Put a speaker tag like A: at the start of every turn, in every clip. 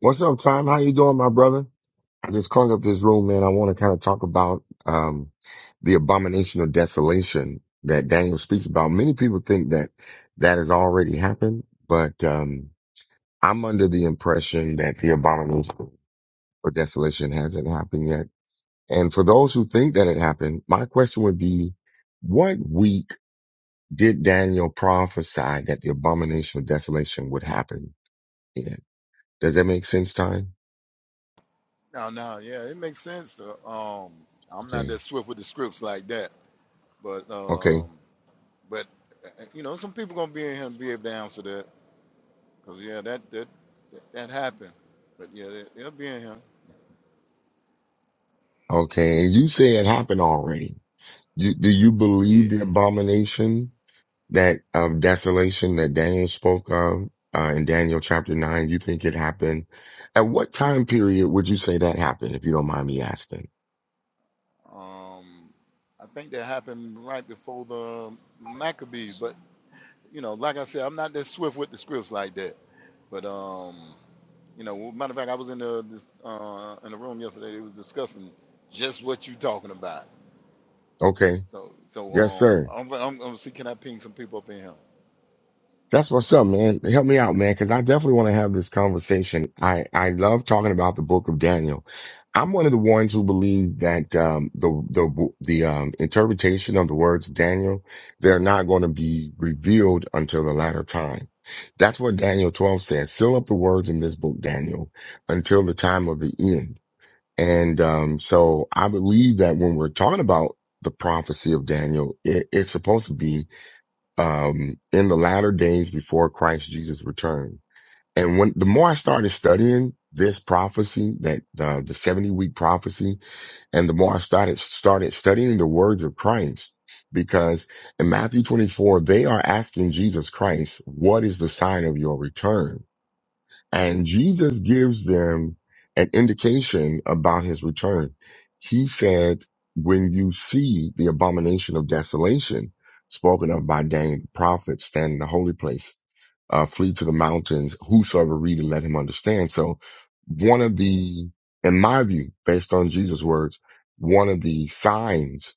A: What's up, Time? How you doing, my brother? I just called up this room, man. I want to kind of talk about um the abomination of desolation that Daniel speaks about. Many people think that that has already happened, but um I'm under the impression that the abomination of desolation hasn't happened yet. And for those who think that it happened, my question would be, what week did Daniel prophesy that the abomination of desolation would happen in? Does that make sense, Time?
B: No, no, yeah, it makes sense. Uh, Um, I'm not
A: Okay.
B: that swift with the scripts like that, but
A: Okay.
B: um, but uh, you know, some people gonna be in here and be able to answer that, cause yeah, that that that, that happened. But yeah, they, they'll be in here.
A: Okay, and you say it happened already. You, do you believe the
B: Yeah.
A: abomination that of desolation that Daniel spoke of uh, in Daniel chapter nine? You think it happened? At what time period would you say that happened? If you don't mind me asking.
B: Um, I think that happened right before the Maccabees, but you know, like I said, I'm not that swift with the scripts like that. But um, you know, matter of fact, I was in the this, uh, in the room yesterday. They was discussing just what you talking about
A: Okay,
B: So so
A: yes,
B: um,
A: sir.
B: I'm I'm, I'm see, can I ping some people up in here?
A: That's what's up, man. Help me out, man, because I definitely want to have this conversation. I, I love talking about the book of Daniel. I'm one of the ones who believe that um, the the the um, interpretation of the words of Daniel they're not going to be revealed until the latter time. That's what Daniel 12 says. Seal up the words in this book, Daniel, until the time of the end. And um, so I believe that when we're talking about the prophecy of Daniel, it, it's supposed to be um, in the latter days before Christ Jesus returned. And when the more I started studying this prophecy, that uh, the 70 week prophecy, and the more I started, started studying the words of Christ, because in Matthew 24, they are asking Jesus Christ, what is the sign of your return? And Jesus gives them an indication about his return. He said, when you see the abomination of desolation spoken of by Daniel the prophet stand in the holy place, uh, flee to the mountains, whosoever read and let him understand. So one of the, in my view, based on Jesus' words, one of the signs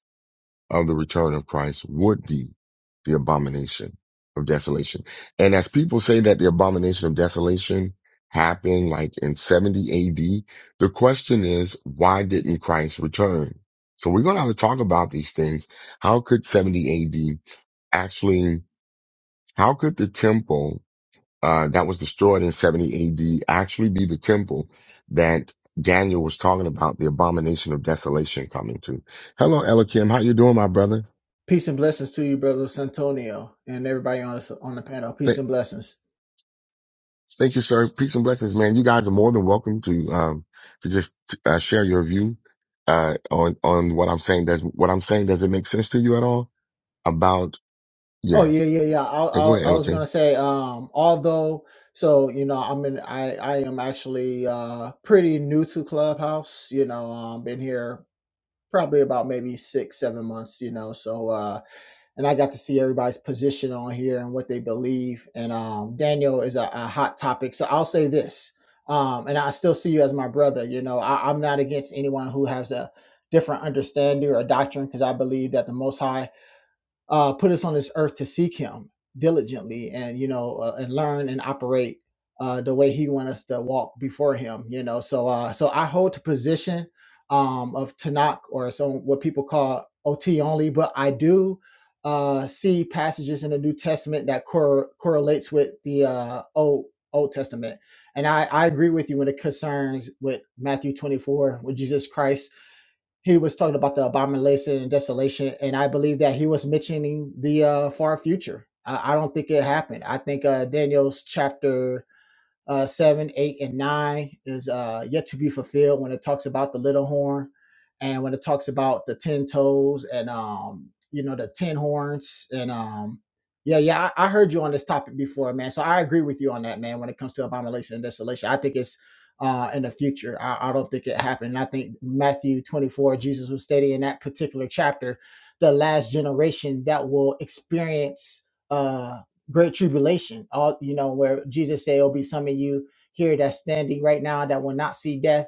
A: of the return of Christ would be the abomination of desolation. And as people say that the abomination of desolation happened like in 70 AD, the question is, why didn't Christ return? So we're going to have to talk about these things. How could 70 AD actually, how could the temple, uh, that was destroyed in 70 AD actually be the temple that Daniel was talking about the abomination of desolation coming to? Hello, Ella Kim. How you doing, my brother?
C: Peace and blessings to you, brother Santonio, and everybody on the on the panel.
A: Th-
C: Peace and blessings.
A: Thank you, sir. Peace and blessings, man. You guys are more than welcome to um to just uh, share your view uh on on what I'm saying. Does what I'm saying does it make sense to you at all? About
C: Oh
A: yeah.
C: yeah, yeah, yeah. I,
A: yeah
C: I,
A: go ahead,
C: I was
A: Elton.
C: gonna say, um, although, so you know, I'm in. I, I am actually uh pretty new to Clubhouse. You know, um, been here probably about maybe six, seven months. You know, so uh, and I got to see everybody's position on here and what they believe. And um, Daniel is a, a hot topic. So I'll say this, um, and I still see you as my brother. You know, I, I'm not against anyone who has a different understanding or doctrine because I believe that the Most High uh, put us on this earth to seek him diligently and you know uh, and learn and operate uh, the way he wants us to walk before him you know so uh, so i hold the position um, of tanakh or some what people call ot only but i do uh, see passages in the new testament that cor- correlates with the uh, old old testament and I, I agree with you when it concerns with matthew 24 with jesus christ he was talking about the abomination and desolation, and I believe that he was mentioning the uh, far future. I, I don't think it happened. I think uh, Daniel's chapter uh, 7, 8, and 9 is uh, yet to be fulfilled when it talks about the little horn and when it talks about the 10 toes and, um, you know, the 10 horns. And um, yeah, yeah, I, I heard you on this topic before, man. So I agree with you on that, man, when it comes to abomination and desolation. I think it's uh, in the future. I, I don't think it happened. I think Matthew 24, Jesus was stating in that particular chapter, the last generation that will experience. Uh, great tribulation. All you know, where Jesus said, "It'll be some of you here that's standing right now that will not see death."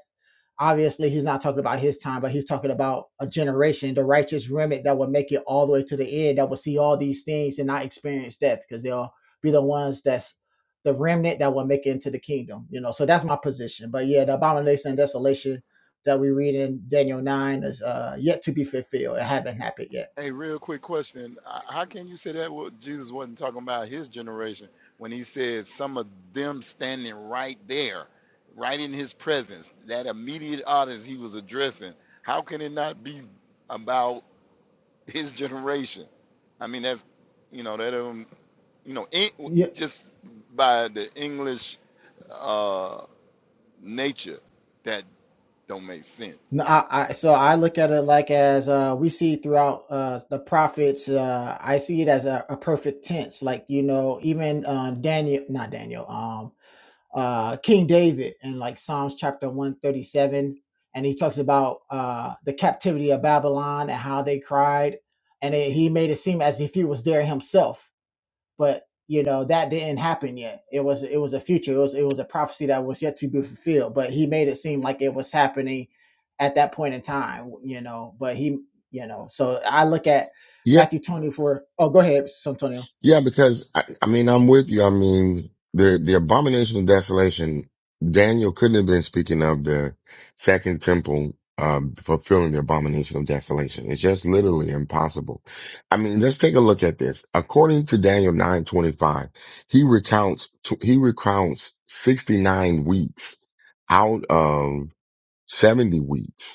C: Obviously, he's not talking about his time, but he's talking about a generation, the righteous remnant that will make it all the way to the end, that will see all these things and not experience death, because they'll be the ones that's the remnant that will make it into the kingdom. You know, so that's my position. But yeah, the abomination and desolation that we read in Daniel nine is uh, yet to be fulfilled. It haven't happened yet.
B: Hey, real quick question: Uh, How can you say that what Jesus wasn't talking about his generation when he said some of them standing right there, right in his presence, that immediate audience he was addressing? How can it not be about his generation? I mean, that's you know that um you know in, just by the English uh, nature that don't make sense.
C: No, I, I so I look at it like as uh we see throughout uh the prophets uh I see it as a, a perfect tense like you know even uh, Daniel not Daniel um uh King David in like Psalms chapter 137 and he talks about uh the captivity of Babylon and how they cried and it, he made it seem as if he was there himself but you know that didn't happen yet it was it was a future it was it was a prophecy that was yet to be fulfilled but he made it seem like it was happening at that point in time you know but he you know so i look at matthew 24 oh go ahead santonio
A: Yeah, because I, I mean, I'm with you. I mean, the the abomination of desolation. Daniel couldn't have been speaking of the second temple uh, fulfilling the abomination of desolation. It's just literally impossible. I mean, let's take a look at this. According to Daniel nine twenty five, he recounts tw- he recounts sixty nine weeks out of seventy weeks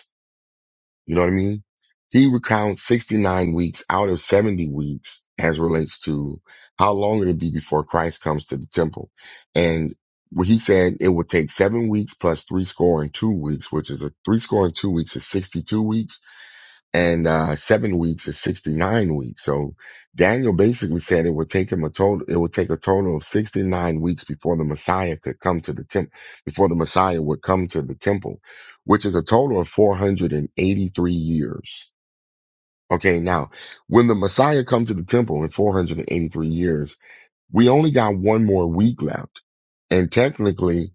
A: you know what I mean? He recounts 69 weeks out of 70 weeks as relates to how long it'll be before Christ comes to the temple. And what he said it would take seven weeks plus three score and two weeks, which is a three score and two weeks is 62 weeks and uh, seven weeks is 69 weeks. So Daniel basically said it would take him a total, it would take a total of 69 weeks before the Messiah could come to the temple, before the Messiah would come to the temple, which is a total of 483 years. Okay. Now, when the Messiah comes to the temple in 483 years, we only got one more week left. And technically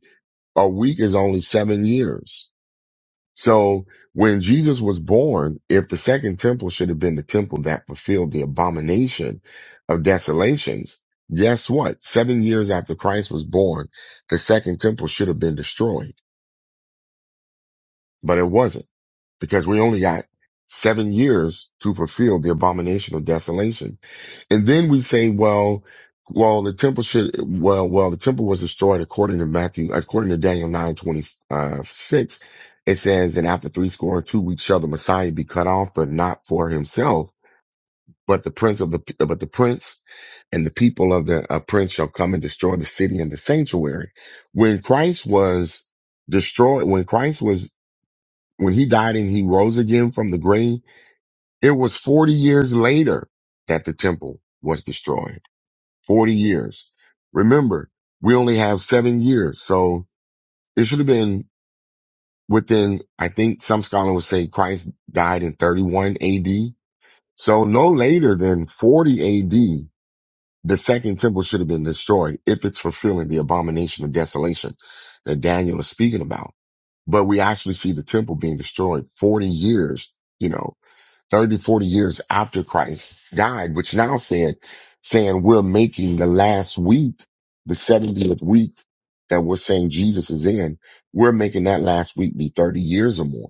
A: a week is only seven years. So when Jesus was born, if the second temple should have been the temple that fulfilled the abomination of desolations, guess what? Seven years after Christ was born, the second temple should have been destroyed, but it wasn't because we only got seven years to fulfill the abomination of desolation. And then we say, well, well, the temple should, well, well, the temple was destroyed according to Matthew, according to Daniel nine twenty uh, six. It says, and after three score and two weeks shall the Messiah be cut off, but not for himself, but the prince of the, but the prince and the people of the uh, prince shall come and destroy the city and the sanctuary. When Christ was destroyed, when Christ was, when he died and he rose again from the grave, it was 40 years later that the temple was destroyed. 40 years. Remember, we only have seven years. So it should have been within, I think some scholar would say Christ died in 31 AD. So no later than 40 AD, the second temple should have been destroyed if it's fulfilling the abomination of desolation that Daniel is speaking about. But we actually see the temple being destroyed 40 years, you know, 30 40 years after Christ died, which now said, saying we're making the last week, the 70th week that we're saying Jesus is in, we're making that last week be 30 years or more.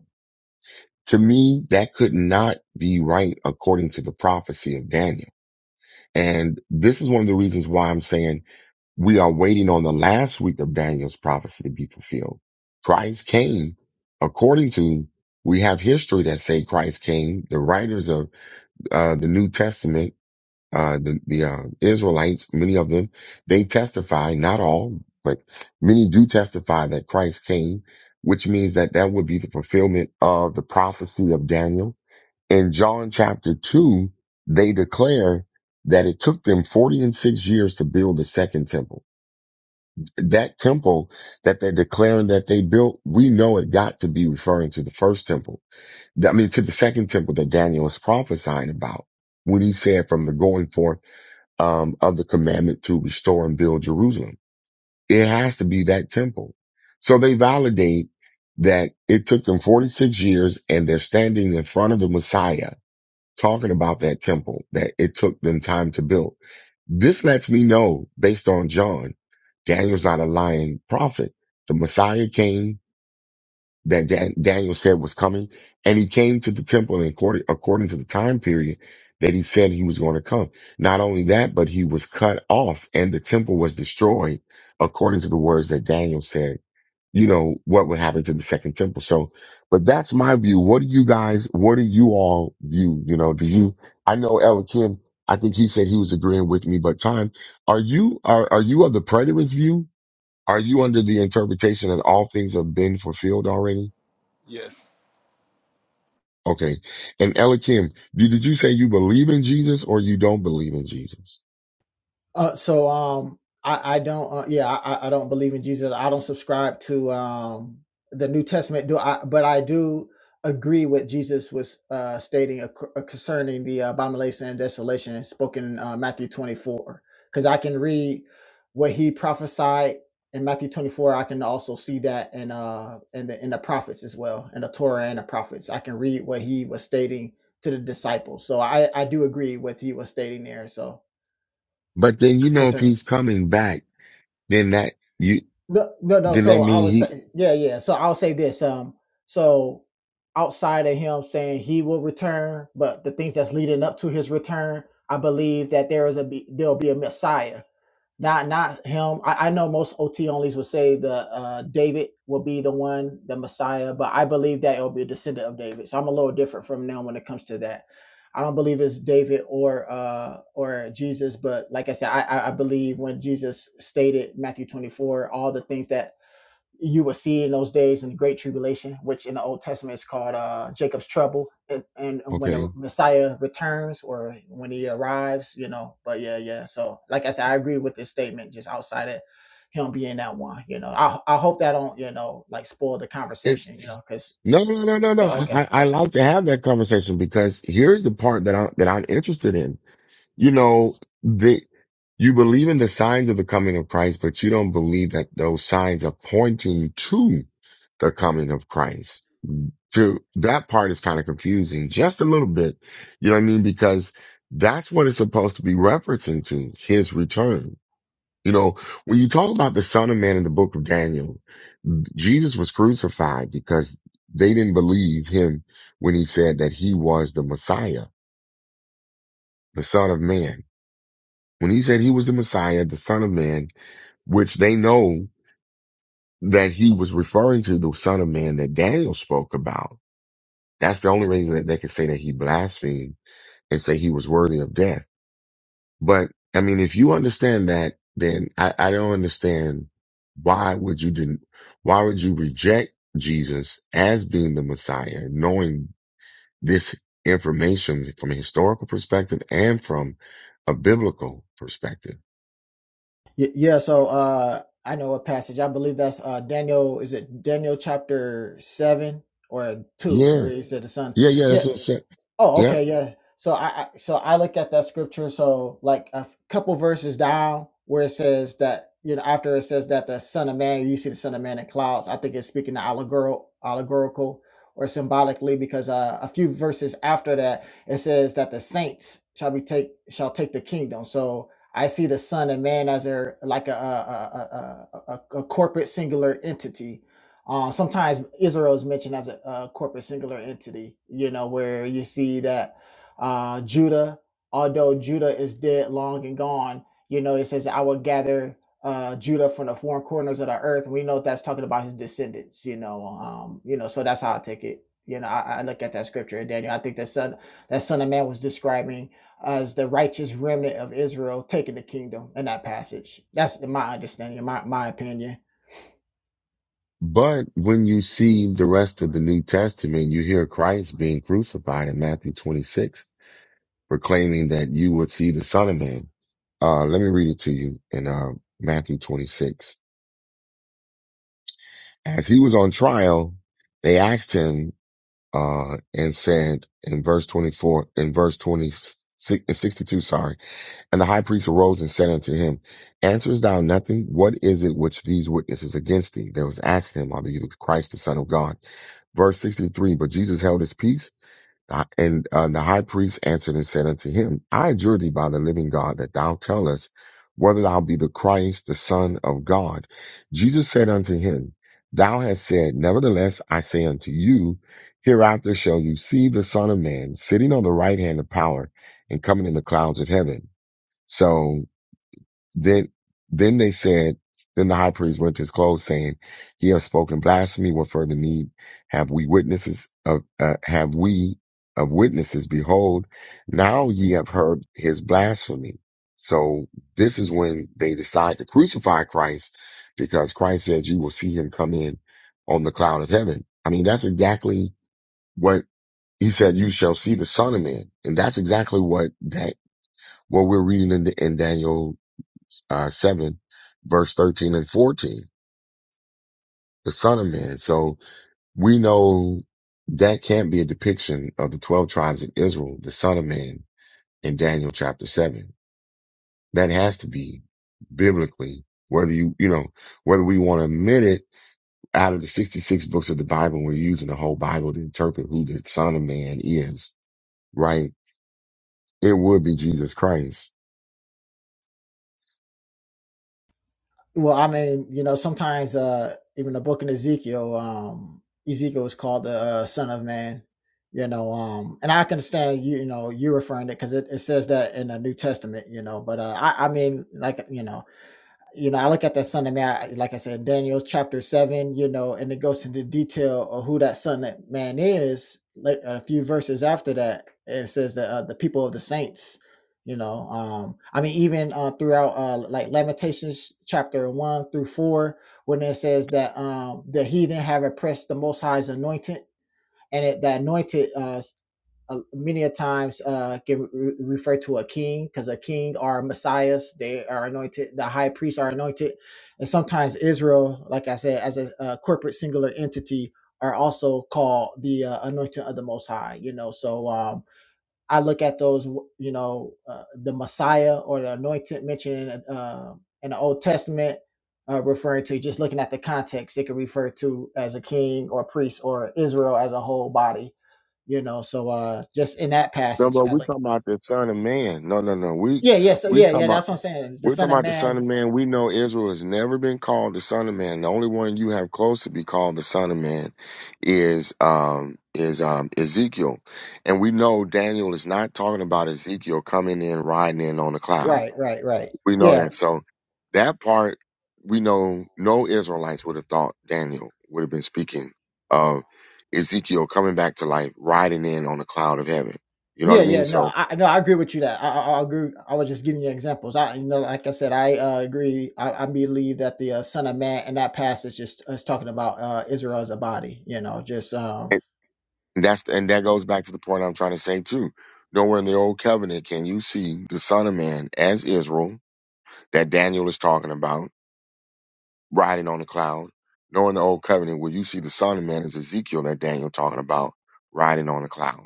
A: To me, that could not be right according to the prophecy of Daniel. And this is one of the reasons why I'm saying we are waiting on the last week of Daniel's prophecy to be fulfilled. Christ came according to we have history that say Christ came. The writers of uh, the New Testament, uh, the, the, uh, Israelites, many of them, they testify, not all, but many do testify that Christ came, which means that that would be the fulfillment of the prophecy of Daniel. In John chapter two, they declare that it took them 40 and six years to build the second temple. That temple that they're declaring that they built, we know it got to be referring to the first temple I mean, to the second temple that Daniel was prophesying about when he said from the going forth um, of the commandment to restore and build Jerusalem. It has to be that temple. So they validate that it took them 46 years and they're standing in front of the Messiah talking about that temple that it took them time to build. This lets me know based on John, Daniel's not a lying prophet. The Messiah came that Dan- Daniel said was coming. And he came to the temple in according, according to the time period that he said he was going to come. Not only that, but he was cut off and the temple was destroyed according to the words that Daniel said, you know, what would happen to the second temple. So, but that's my view. What do you guys, what do you all view? You know, do you, I know Ella Kim, I think he said he was agreeing with me, but time, are you, are, are you of the preterist view? Are you under the interpretation that all things have been fulfilled already?
B: Yes.
A: Okay. And Elikim, did, did you say you believe in Jesus or you don't believe in Jesus?
C: Uh, so um, I I don't uh, yeah I I don't believe in Jesus. I don't subscribe to um the New Testament. Do I? But I do agree with Jesus was uh stating ac- uh, concerning the abomination and desolation spoken in uh, Matthew twenty four because I can read what he prophesied in Matthew twenty four. I can also see that in uh in the in the prophets as well in the Torah and the prophets. I can read what he was stating to the disciples. So I I do agree with he was stating there. So
A: But then you know if
C: concerning.
A: he's coming back, then that you
C: No, no, no.
A: then that
C: So I
A: mean
C: would
A: he
C: say, yeah, yeah. So I'll say this. Um, so outside of him saying he will return, but the things that's leading up to his return, I believe that there is a be, there'll be a Messiah. Not not him. I, I know most OT onlys would say the uh, David will be the one, the Messiah, but I believe that it'll be a descendant of David. So I'm a little different from now when it comes to that. I don't believe it's David or uh, or Jesus, but like I said, I, I I believe when Jesus stated Matthew 24, all the things that you will see in those days in the Great Tribulation, which in the Old Testament is called uh, Jacob's trouble, and, and when the
A: okay.
C: Messiah returns or when he arrives, you know. But yeah, yeah. So like I said, I agree with this statement. Just outside of him being that one, you know. I I hope that don't you know like spoil the
A: It's
C: conversation, you know, because
A: no no no no no.
C: yeah,
A: I,
C: okay,
A: I I
C: okay,
A: like to have that conversation because here's the part that I that I'm interested in. You know, the you believe in the signs of the coming of Christ, but you don't believe that those signs are pointing to the coming of Christ. So that part is kind of confusing just a little bit. You know what I mean? Because that's what it's supposed to be referencing to his return. You know, when you talk about the son of man in the book of Daniel, Jesus was crucified because they didn't believe him when he said that he was the Messiah, the son of man. When he said he was the Messiah, the son of man, which they know that he was referring to the son of man that Daniel spoke about. That's the only reason that they could say that he blasphemed and say he was worthy of death. But I mean, if you understand that, then I, I don't understand why would you den- why would you reject Jesus as being the Messiah, knowing this information from a historical perspective and from a biblical perspective?
C: Y- yeah. So uh, I know a passage. I believe that's uh Daniel. Is it Daniel chapter seven or two?
A: Yeah,
C: Where he said the son?
A: yeah, yeah. That's
C: Yeah.
A: what I'm saying.
C: Oh,
A: Yeah.
C: okay, yeah. So I, I so I look at that scripture. So like a f- couple verses down, where it says that you know after it says that the Son of Man, you see the Son of Man in clouds. I think it's speaking allegorical, allegorical or symbolically, because uh, a few verses after that, it says that the saints shall be take shall take the kingdom. So I see the Son of Man as a like a a a, a, a, a a corporate singular entity uh, sometimes Israel is mentioned as a, a corporate singular entity, you know, where you see that uh, Judah, although Judah is dead, long and gone, you know, it says, I will gather uh, Judah from the four corners of the earth. And we know that's talking about his descendants, you know, um, you know, so that's how I take it. You know, I, I look at that scripture in Daniel. I think that son, that son of man was describing as the righteous remnant of Israel taking the kingdom in that passage. That's my understanding, my, my opinion
A: But when you see the rest of the New Testament, you hear Christ being crucified in Matthew 26, proclaiming that you would see the Son of Man. Uh, let me read it to you in uh, Matthew 26. As he was on trial, they asked him uh, and said in verse 24, in verse 26, sixty-two, sorry, and the high priest arose and said unto him, Answerest thou nothing? What is it which these witnesses against thee? They was asking him, Are you the Christ, the Son of God? Verse 63, but Jesus held his peace Uh, And uh, the high priest answered and said unto him, I adjure thee by the living God that thou tell us whether thou be the Christ, the Son of God. Jesus said unto him, Thou hast said, Nevertheless, I say unto you, hereafter shall you see the Son of Man sitting on the right hand of power and coming in the clouds of heaven. So then, then they said, then the high priest rent his clothes saying, he has spoken blasphemy. What further need have we witnesses of, uh, have we of witnesses? Behold, now ye have heard his blasphemy. So this is when they decide to crucify Christ because Christ said you will see him come in on the cloud of heaven. I mean, that's exactly what he said. You shall see the son of man. And that's exactly what that, what we're reading in, the, in Daniel uh, 7, verse 13 and 14, the son of man. So we know that can't be a depiction of the 12 tribes of Israel, the son of man in Daniel chapter 7. That has to be biblically, whether you, you know, whether we want to admit it out of the 66 books of the Bible, we're using the whole Bible to interpret who the son of man is, right? It would be Jesus Christ.
C: Well, I mean, you know, sometimes uh even the book in Ezekiel, um Ezekiel is called the uh, son of man, you know, um and I can understand you, you know, you referring to it because it, it says that in the New Testament, you know, but uh I, I mean like you know, you know, I look at that son of man, I- like I said, Daniel chapter seven, you know, and it goes into detail of who that son of man is. Like a few verses after that, it says that uh, the people of the saints, you know, um, I mean, even uh, throughout uh, like Lamentations chapter one through four, when it says that um, the heathen have oppressed the Most High's anointed, and it, the anointed uh, uh, many a times uh, get re- referred to a king because a king are messiahs they are anointed the high priests are anointed and sometimes israel like i said as a, uh corporate singular entity are also called the uh, anointing of the most high you know so um, I look at those, you know, uh, the Messiah or the anointed mentioned in, uh, in the Old Testament, uh, referring to just looking at the context, it could refer to as a king or priest or Israel as a whole body, you know. So uh, just in that
A: No,
C: passage,
A: but
C: I
A: we
C: like,
A: talking about the son of man. No, no, no. We,
C: yeah, yeah, so
A: we
C: yeah, yeah,
A: come out.
C: that's what I'm saying. The
A: We're
C: Son
A: talking
C: of
A: about the Son of
C: Man,
A: Man. We know Israel has never been called the Son of Man. The only one you have close to be called the Son of Man is um, is um, Ezekiel, and we know Daniel is not talking about Ezekiel coming in riding in on the cloud.
C: right, right, right,
A: We know
C: yeah.
A: that. So that part we know no Israelites would have thought Daniel would have been speaking of Ezekiel coming back to life, riding in on the cloud of heaven. You know what
C: Yeah,
A: I
C: yeah,
A: mean?
C: no,
A: So
C: I no, I agree with you that I, I, I agree. I was just giving you examples. I, you know, like I said, I uh, agree. I, I believe that the uh, Son of Man and that passage is is talking about uh, Israel as a body. You know, just um,
A: And that's and that goes back to the point I'm trying to say too. Nowhere in the old covenant can you see the Son of Man as Israel that Daniel is talking about riding on the cloud. Nor in the old covenant will you see the Son of Man as Ezekiel that Daniel talking about riding on the cloud.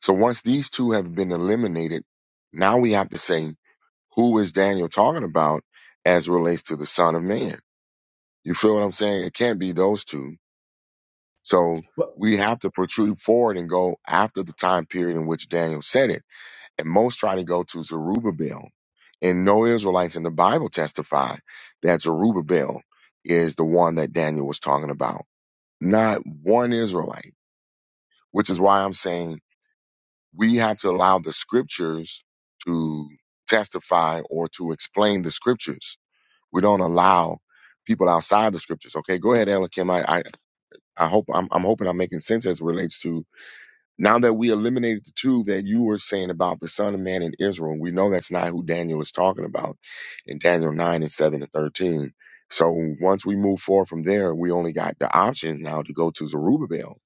A: So once these two have been eliminated, now we have to say who is Daniel talking about as relates to the Son of Man? You feel what I'm saying? It can't be those two so we have to protrude forward and go after the time period in which Daniel said it. And most try to go to Zerubbabel. And no Israelites in the Bible testify that Zerubbabel is the one that Daniel was talking about. Not one Israelite, which is why I'm saying we have to allow the scriptures to testify or to explain the scriptures. We don't allow people outside the scriptures. Okay, go ahead, Ella Kim. I, I, I hope I'm, I'm hoping I'm making sense as it relates to Now that we eliminated the two that you were saying about the Son of Man in Israel, we know that's not who Daniel is talking about in Daniel 9 and 7 and 13. So once we move forward from there, we only got the option now to go to Zerubbabel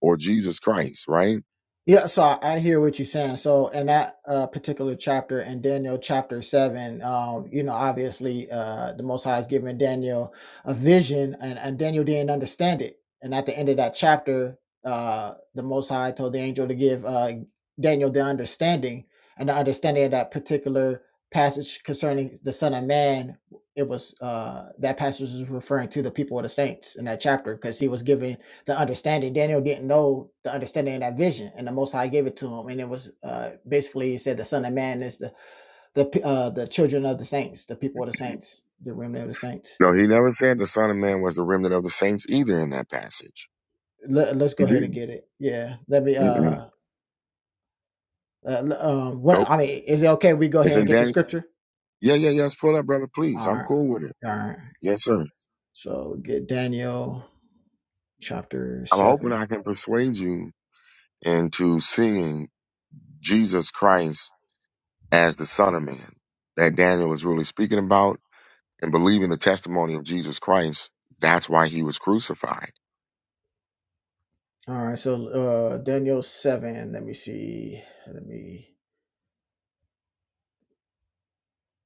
A: or Jesus Christ, right?
C: Yeah, so I, I hear what you're saying. So in that uh, particular chapter in Daniel chapter seven, um, you know, obviously uh, the Most High has given Daniel a vision, and, and Daniel didn't understand it. And at the end of that chapter, uh, the Most High told the angel to give uh, Daniel the understanding, and the understanding of that particular passage concerning the Son of Man, it was uh, that passage was referring to the people of the saints in that chapter because he was giving the understanding. Daniel didn't know the understanding of that vision, and the Most High gave it to him. And it was uh, basically he said the Son of Man is the the uh, the children of the saints, the people of the saints, the remnant of the saints.
A: No, he never said the Son of Man was the remnant of the saints either in that passage.
C: Let, let us go
A: He
C: ahead and
A: didn't.
C: get it. Yeah, let me.
A: Mm-mm.
C: Uh, uh, um, what
A: Nope.
C: I mean is it okay? We go
A: It's
C: ahead and
A: in
C: get the
A: Daniel.
C: scripture.
A: Yeah, yeah, yes. Pull up, brother, please.
C: All
A: I'm
C: right,
A: cool with it.
C: all right.
A: Yes, sir.
C: So get Daniel chapter
A: I'm hoping
C: seven.
A: I can persuade you into seeing Jesus Christ as the Son of Man that Daniel was really speaking about and believing the testimony of Jesus Christ. That's why he was crucified.
C: All right, so uh, Daniel seven. Let me see. Let me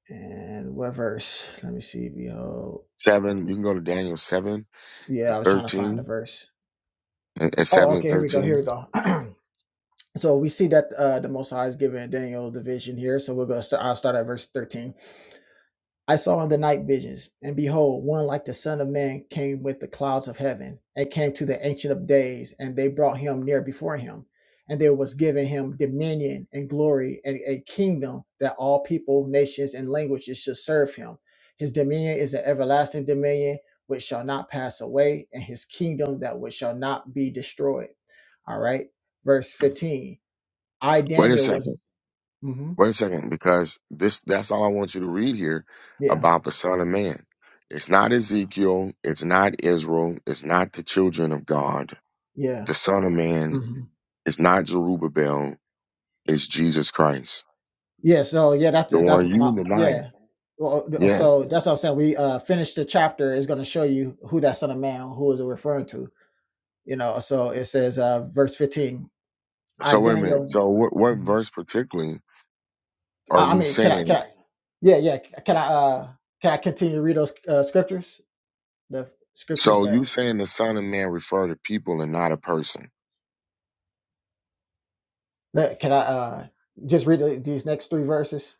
C: and what verse? Let me see. Behold.
A: Seven, you can go to Daniel 7
C: Yeah,
A: and
C: I was trying to find the
A: 13,
C: verse.
A: and and
C: Oh,
A: 7 and
C: okay, here we go. Here we
A: 13.
C: go. so we see that uh, the Most High is giving Daniel the vision here. So we'll go. St- I'll start at verse thirteen. I saw in the night visions, and behold, one like the Son of Man came with the clouds of heaven, and came to the Ancient of Days, and they brought him near before him. And there was given him dominion and glory and a kingdom that all people, nations, and languages should serve him. His dominion is an everlasting dominion which shall not pass away, and his kingdom that which shall not be destroyed. All right. Verse 15. I,
A: Wait a
C: Daniel, was.
A: second.
C: hmm
A: Wait a second, because this that's all I want you to read here
C: Yeah.
A: about the Son of Man. It's not Ezekiel, it's not Israel, it's not the children of God.
C: Yeah.
A: The Son of Man
C: mm-hmm.
A: is not Zerubbabel, it's Jesus Christ.
C: Yeah, so yeah, that's
A: The
C: the that's
A: one
C: my
A: you denying.
C: yeah. Well, uh,
A: Yeah.
C: so that's what I'm saying. We uh finished the chapter. is going to show you who that son of man who is it referring to. You know, so it says uh verse 15. I
A: So wait a minute.
C: Daniel.
A: So what, what
C: Mhm.
A: verse particularly are
C: I, I
A: you
C: mean, can I can
A: saying?
C: I? Yeah, yeah. c- Can I uh can I continue to read those uh, scriptures? The scriptures
A: So you
C: that,
A: saying the Son of Man refer to people and not a person?
C: that can I uh just read the- these next three verses?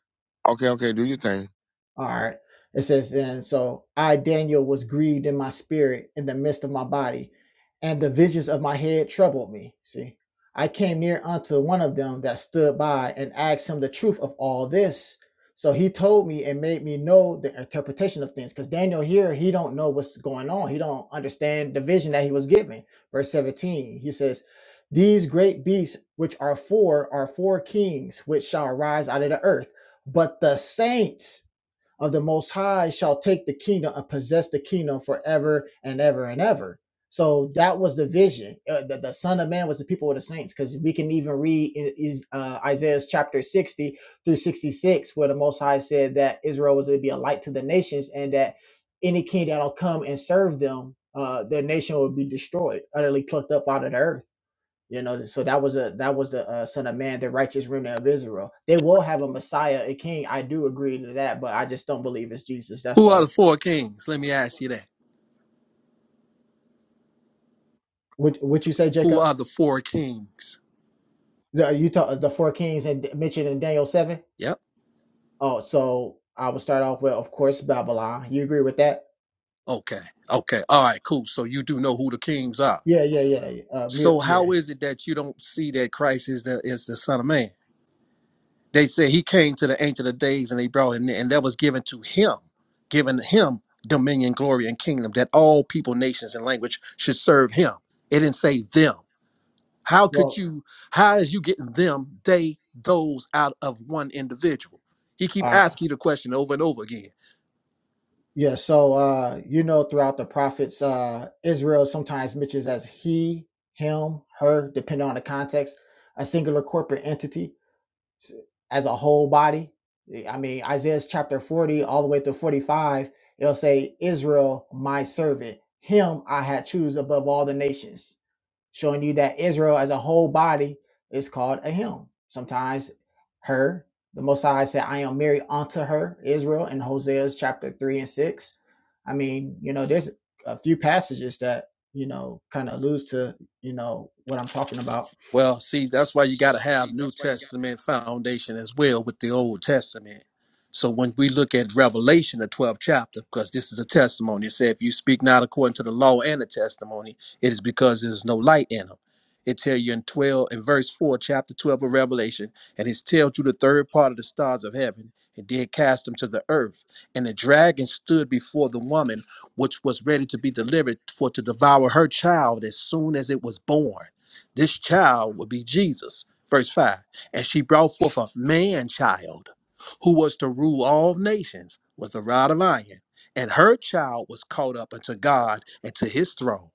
A: Okay, okay, do your thing.
C: All right. It says then, so I, Daniel, was grieved in my spirit in the midst of my body, and the visions of my head troubled me. See, I came near unto one of them that stood by and asked him the truth of all this. So he told me and made me know the interpretation of things. Because Daniel here, he don't know what's going on. He don't understand the vision that he was given. Verse 17, he says, These great beasts which are four are four kings which shall arise out of the earth. But the saints of the Most High shall take the kingdom and possess the kingdom forever and ever and ever. So that was the vision. Uh, the, the Son of Man was the people of the saints, because we can even read in, is, uh, Isaiah's chapter 60 through 66, where the Most High said that Israel was to be a light to the nations and that any king that'll come and serve them, uh, their nation will be destroyed, utterly plucked up out of the earth. You know, so that was a that was the uh, Son of Man, the righteous remnant of Israel. They will have a Messiah, a King. I do agree to that, but I just don't believe it's Jesus. That's
D: Who are the
C: all.
D: four kings? Let me ask you that.
C: What what you say,
D: Who
C: Jacob?
D: are the four kings?
C: The, you talk the four kings and mentioned in Daniel seven.
D: Yep.
C: Oh, so I will start off with, of course, Babylon. You agree with that?
D: Okay. Okay. All right. Cool. So you do know who the kings are.
C: Yeah, yeah, yeah. yeah. Uh, me,
D: So how
C: yeah.
D: is it that you don't see that Christ is the is the Son of Man? They said he came to the Ancient of Days and they brought him, in, and that was given to him, given him dominion, glory, and kingdom that all people, nations, and language should serve him. It didn't say them. How could
C: Well,
D: you? How is you getting them, they, those out of one individual? He keep
C: all right.
D: asking you the question over and over again.
C: Yeah, so uh, you know, throughout the prophets, uh, Israel sometimes mentions as he, him, her, depending on the context, a singular corporate entity. as a whole body. Eh, I mean, Isaiah's chapter 40 all the way through 45, it'll say, Israel, my servant, him I had choose above all the nations, showing you that Israel as a whole body is called a him. Sometimes her, the Most High said, I am married unto her, Israel, in Hosea's chapter 3 and 6. I mean, you know, there's a few passages that, you know, kind of alludes to, you know, what I'm talking about.
D: Well, see, that's why you got to have New Testament foundation as well with the Old Testament. So when we look at Revelation, the 12th chapter, because this is a testimony, it said, if you speak not according to the law and the testimony, it is because there's no light in them. It tell you in 12, in verse 4, chapter 12 of Revelation, and it tells you the third part of the stars of heaven, and did cast them to the earth. And the dragon stood before the woman, which was ready to be delivered for to devour her child as soon as it was born this child would be Jesus. Verse 5 And she brought forth a man child who was to rule all nations with a rod of iron. And her child was caught up unto God and to his throne.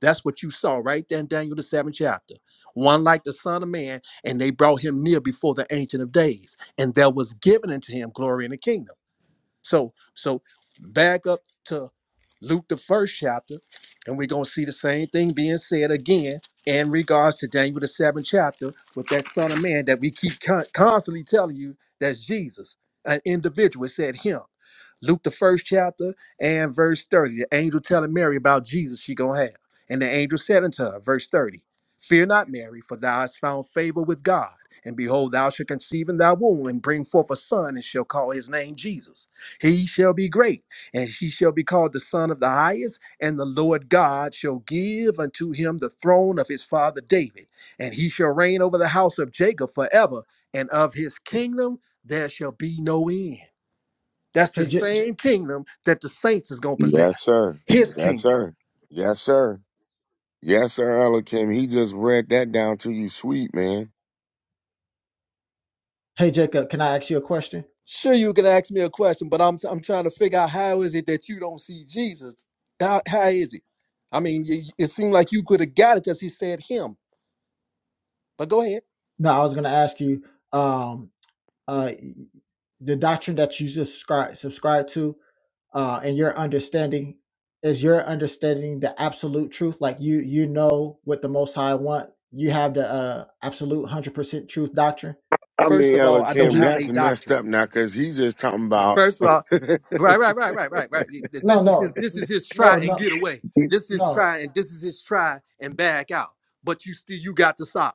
D: That's what you saw right there in Daniel, the seventh chapter. One like the Son of Man, and they brought him near before the Ancient of Days. And there was given unto him glory in the kingdom. So, so back up to Luke the first chapter, and we're gonna see the same thing being said again in regards to Daniel the seventh chapter with that Son of Man that we keep con- constantly telling you that's Jesus, an individual. It said him. Luke the first chapter and verse 30. The angel telling Mary about Jesus she gonna have. And the angel said unto her, verse 30, Fear not, Mary, for thou hast found favor with God. And behold, thou shalt conceive in thy womb and bring forth a son, and shall call his name Jesus. He shall be great, and she shall be called the Son of the Highest. And the Lord God shall give unto him the throne of his father David, and he shall reign over the house of Jacob forever, and of his kingdom there shall be no end. That's
C: Hey,
D: the
C: Ja-
D: same kingdom that the saints is gonna
A: Yes,
D: possess.
A: sir.
D: His
A: Yes,
D: kingdom.
A: sir. Yes, sir. Yes, sir, Elohim. He just read that down to you, sweet man.
C: hey, Jacob, can I ask you a question?
D: Sure, you can ask me a question, but I'm I'm trying to figure out how is it that you don't see Jesus? How, how is it? I mean, you, it seemed like you could have got it because he said him. But go ahead.
C: No, I was going to ask you um, uh, the doctrine that you subscribe subscribe to, uh, and your understanding is your understanding the absolute truth. Like you, you know what the Most High want. You have the uh, absolute hundred percent truth doctrine.
A: I
D: First
A: mean,
D: of all, I
C: Would
D: don't
A: Elohim,
D: have
C: you?
A: that's
D: a
A: messed
D: doctrine.
A: up now because he's just talking about.
D: First of all,
A: yeah,
D: right, right, right, right, right, right.
C: No,
D: This is
C: no,
D: his. This is his try
C: no,
D: and
C: no,
D: get away. This is
C: no,
D: try and this is his try and back out. But you still you got the sock.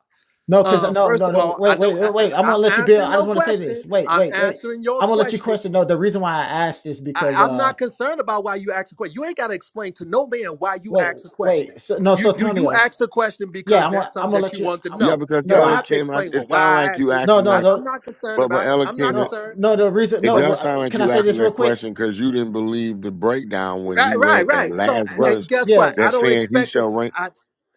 C: no. Because
D: Uh,
C: no,
D: first
C: no,
D: of
C: no.
D: all, I
C: Wait,
D: don't.
C: wait,
D: I,
C: uh, wait. I'm
D: I-
C: gonna
D: I'm
C: let you build.
D: answering
C: I
D: your
C: just want to say
D: question.
C: this. Wait,
D: I'm
C: wait, wait.
D: answering your
C: I'm gonna let you
D: question.
C: question. No, the reason why I asked is
D: I,
C: because
D: I'm
C: uh,
D: not concerned about why you asked a question. You ain't got to explain to no man why you
C: wait,
D: asked a question.
C: wait. So, no,
D: You
C: so
D: you you
C: Tonio.
D: asked a question
C: Yeah,
D: because
C: I'm
D: that's
C: gonna I'm
D: something
C: gonna
D: that
C: let
D: you
C: you.
D: want to
C: I,
D: know.
A: because
D: You
C: no,
D: don't
C: I
D: have to
A: Elohim, I-
D: explain. Well,
A: it
D: why
A: sounds
D: I
A: like
D: asked
A: you
D: you.
C: no
A: asking
C: no
D: I,
A: that.
D: I'm
C: no
D: not concerned
A: But but
D: about it. I'm not
A: Elohim,
C: no
D: concerned.
C: no. The reason
A: It
C: no.
D: But
C: wha-
A: does sound
C: uh,
A: like
C: Can I
A: you
C: say
A: asked him
C: this real
A: that
C: quick?
A: question because you didn't believe the breakdown when he
D: right, right,
A: read that
D: right. So,
A: last
C: No.
D: and
A: verse
D: guess
C: Yeah.
D: what? I
A: that
D: don't
A: said he
D: expect him.
A: shall reign.
D: I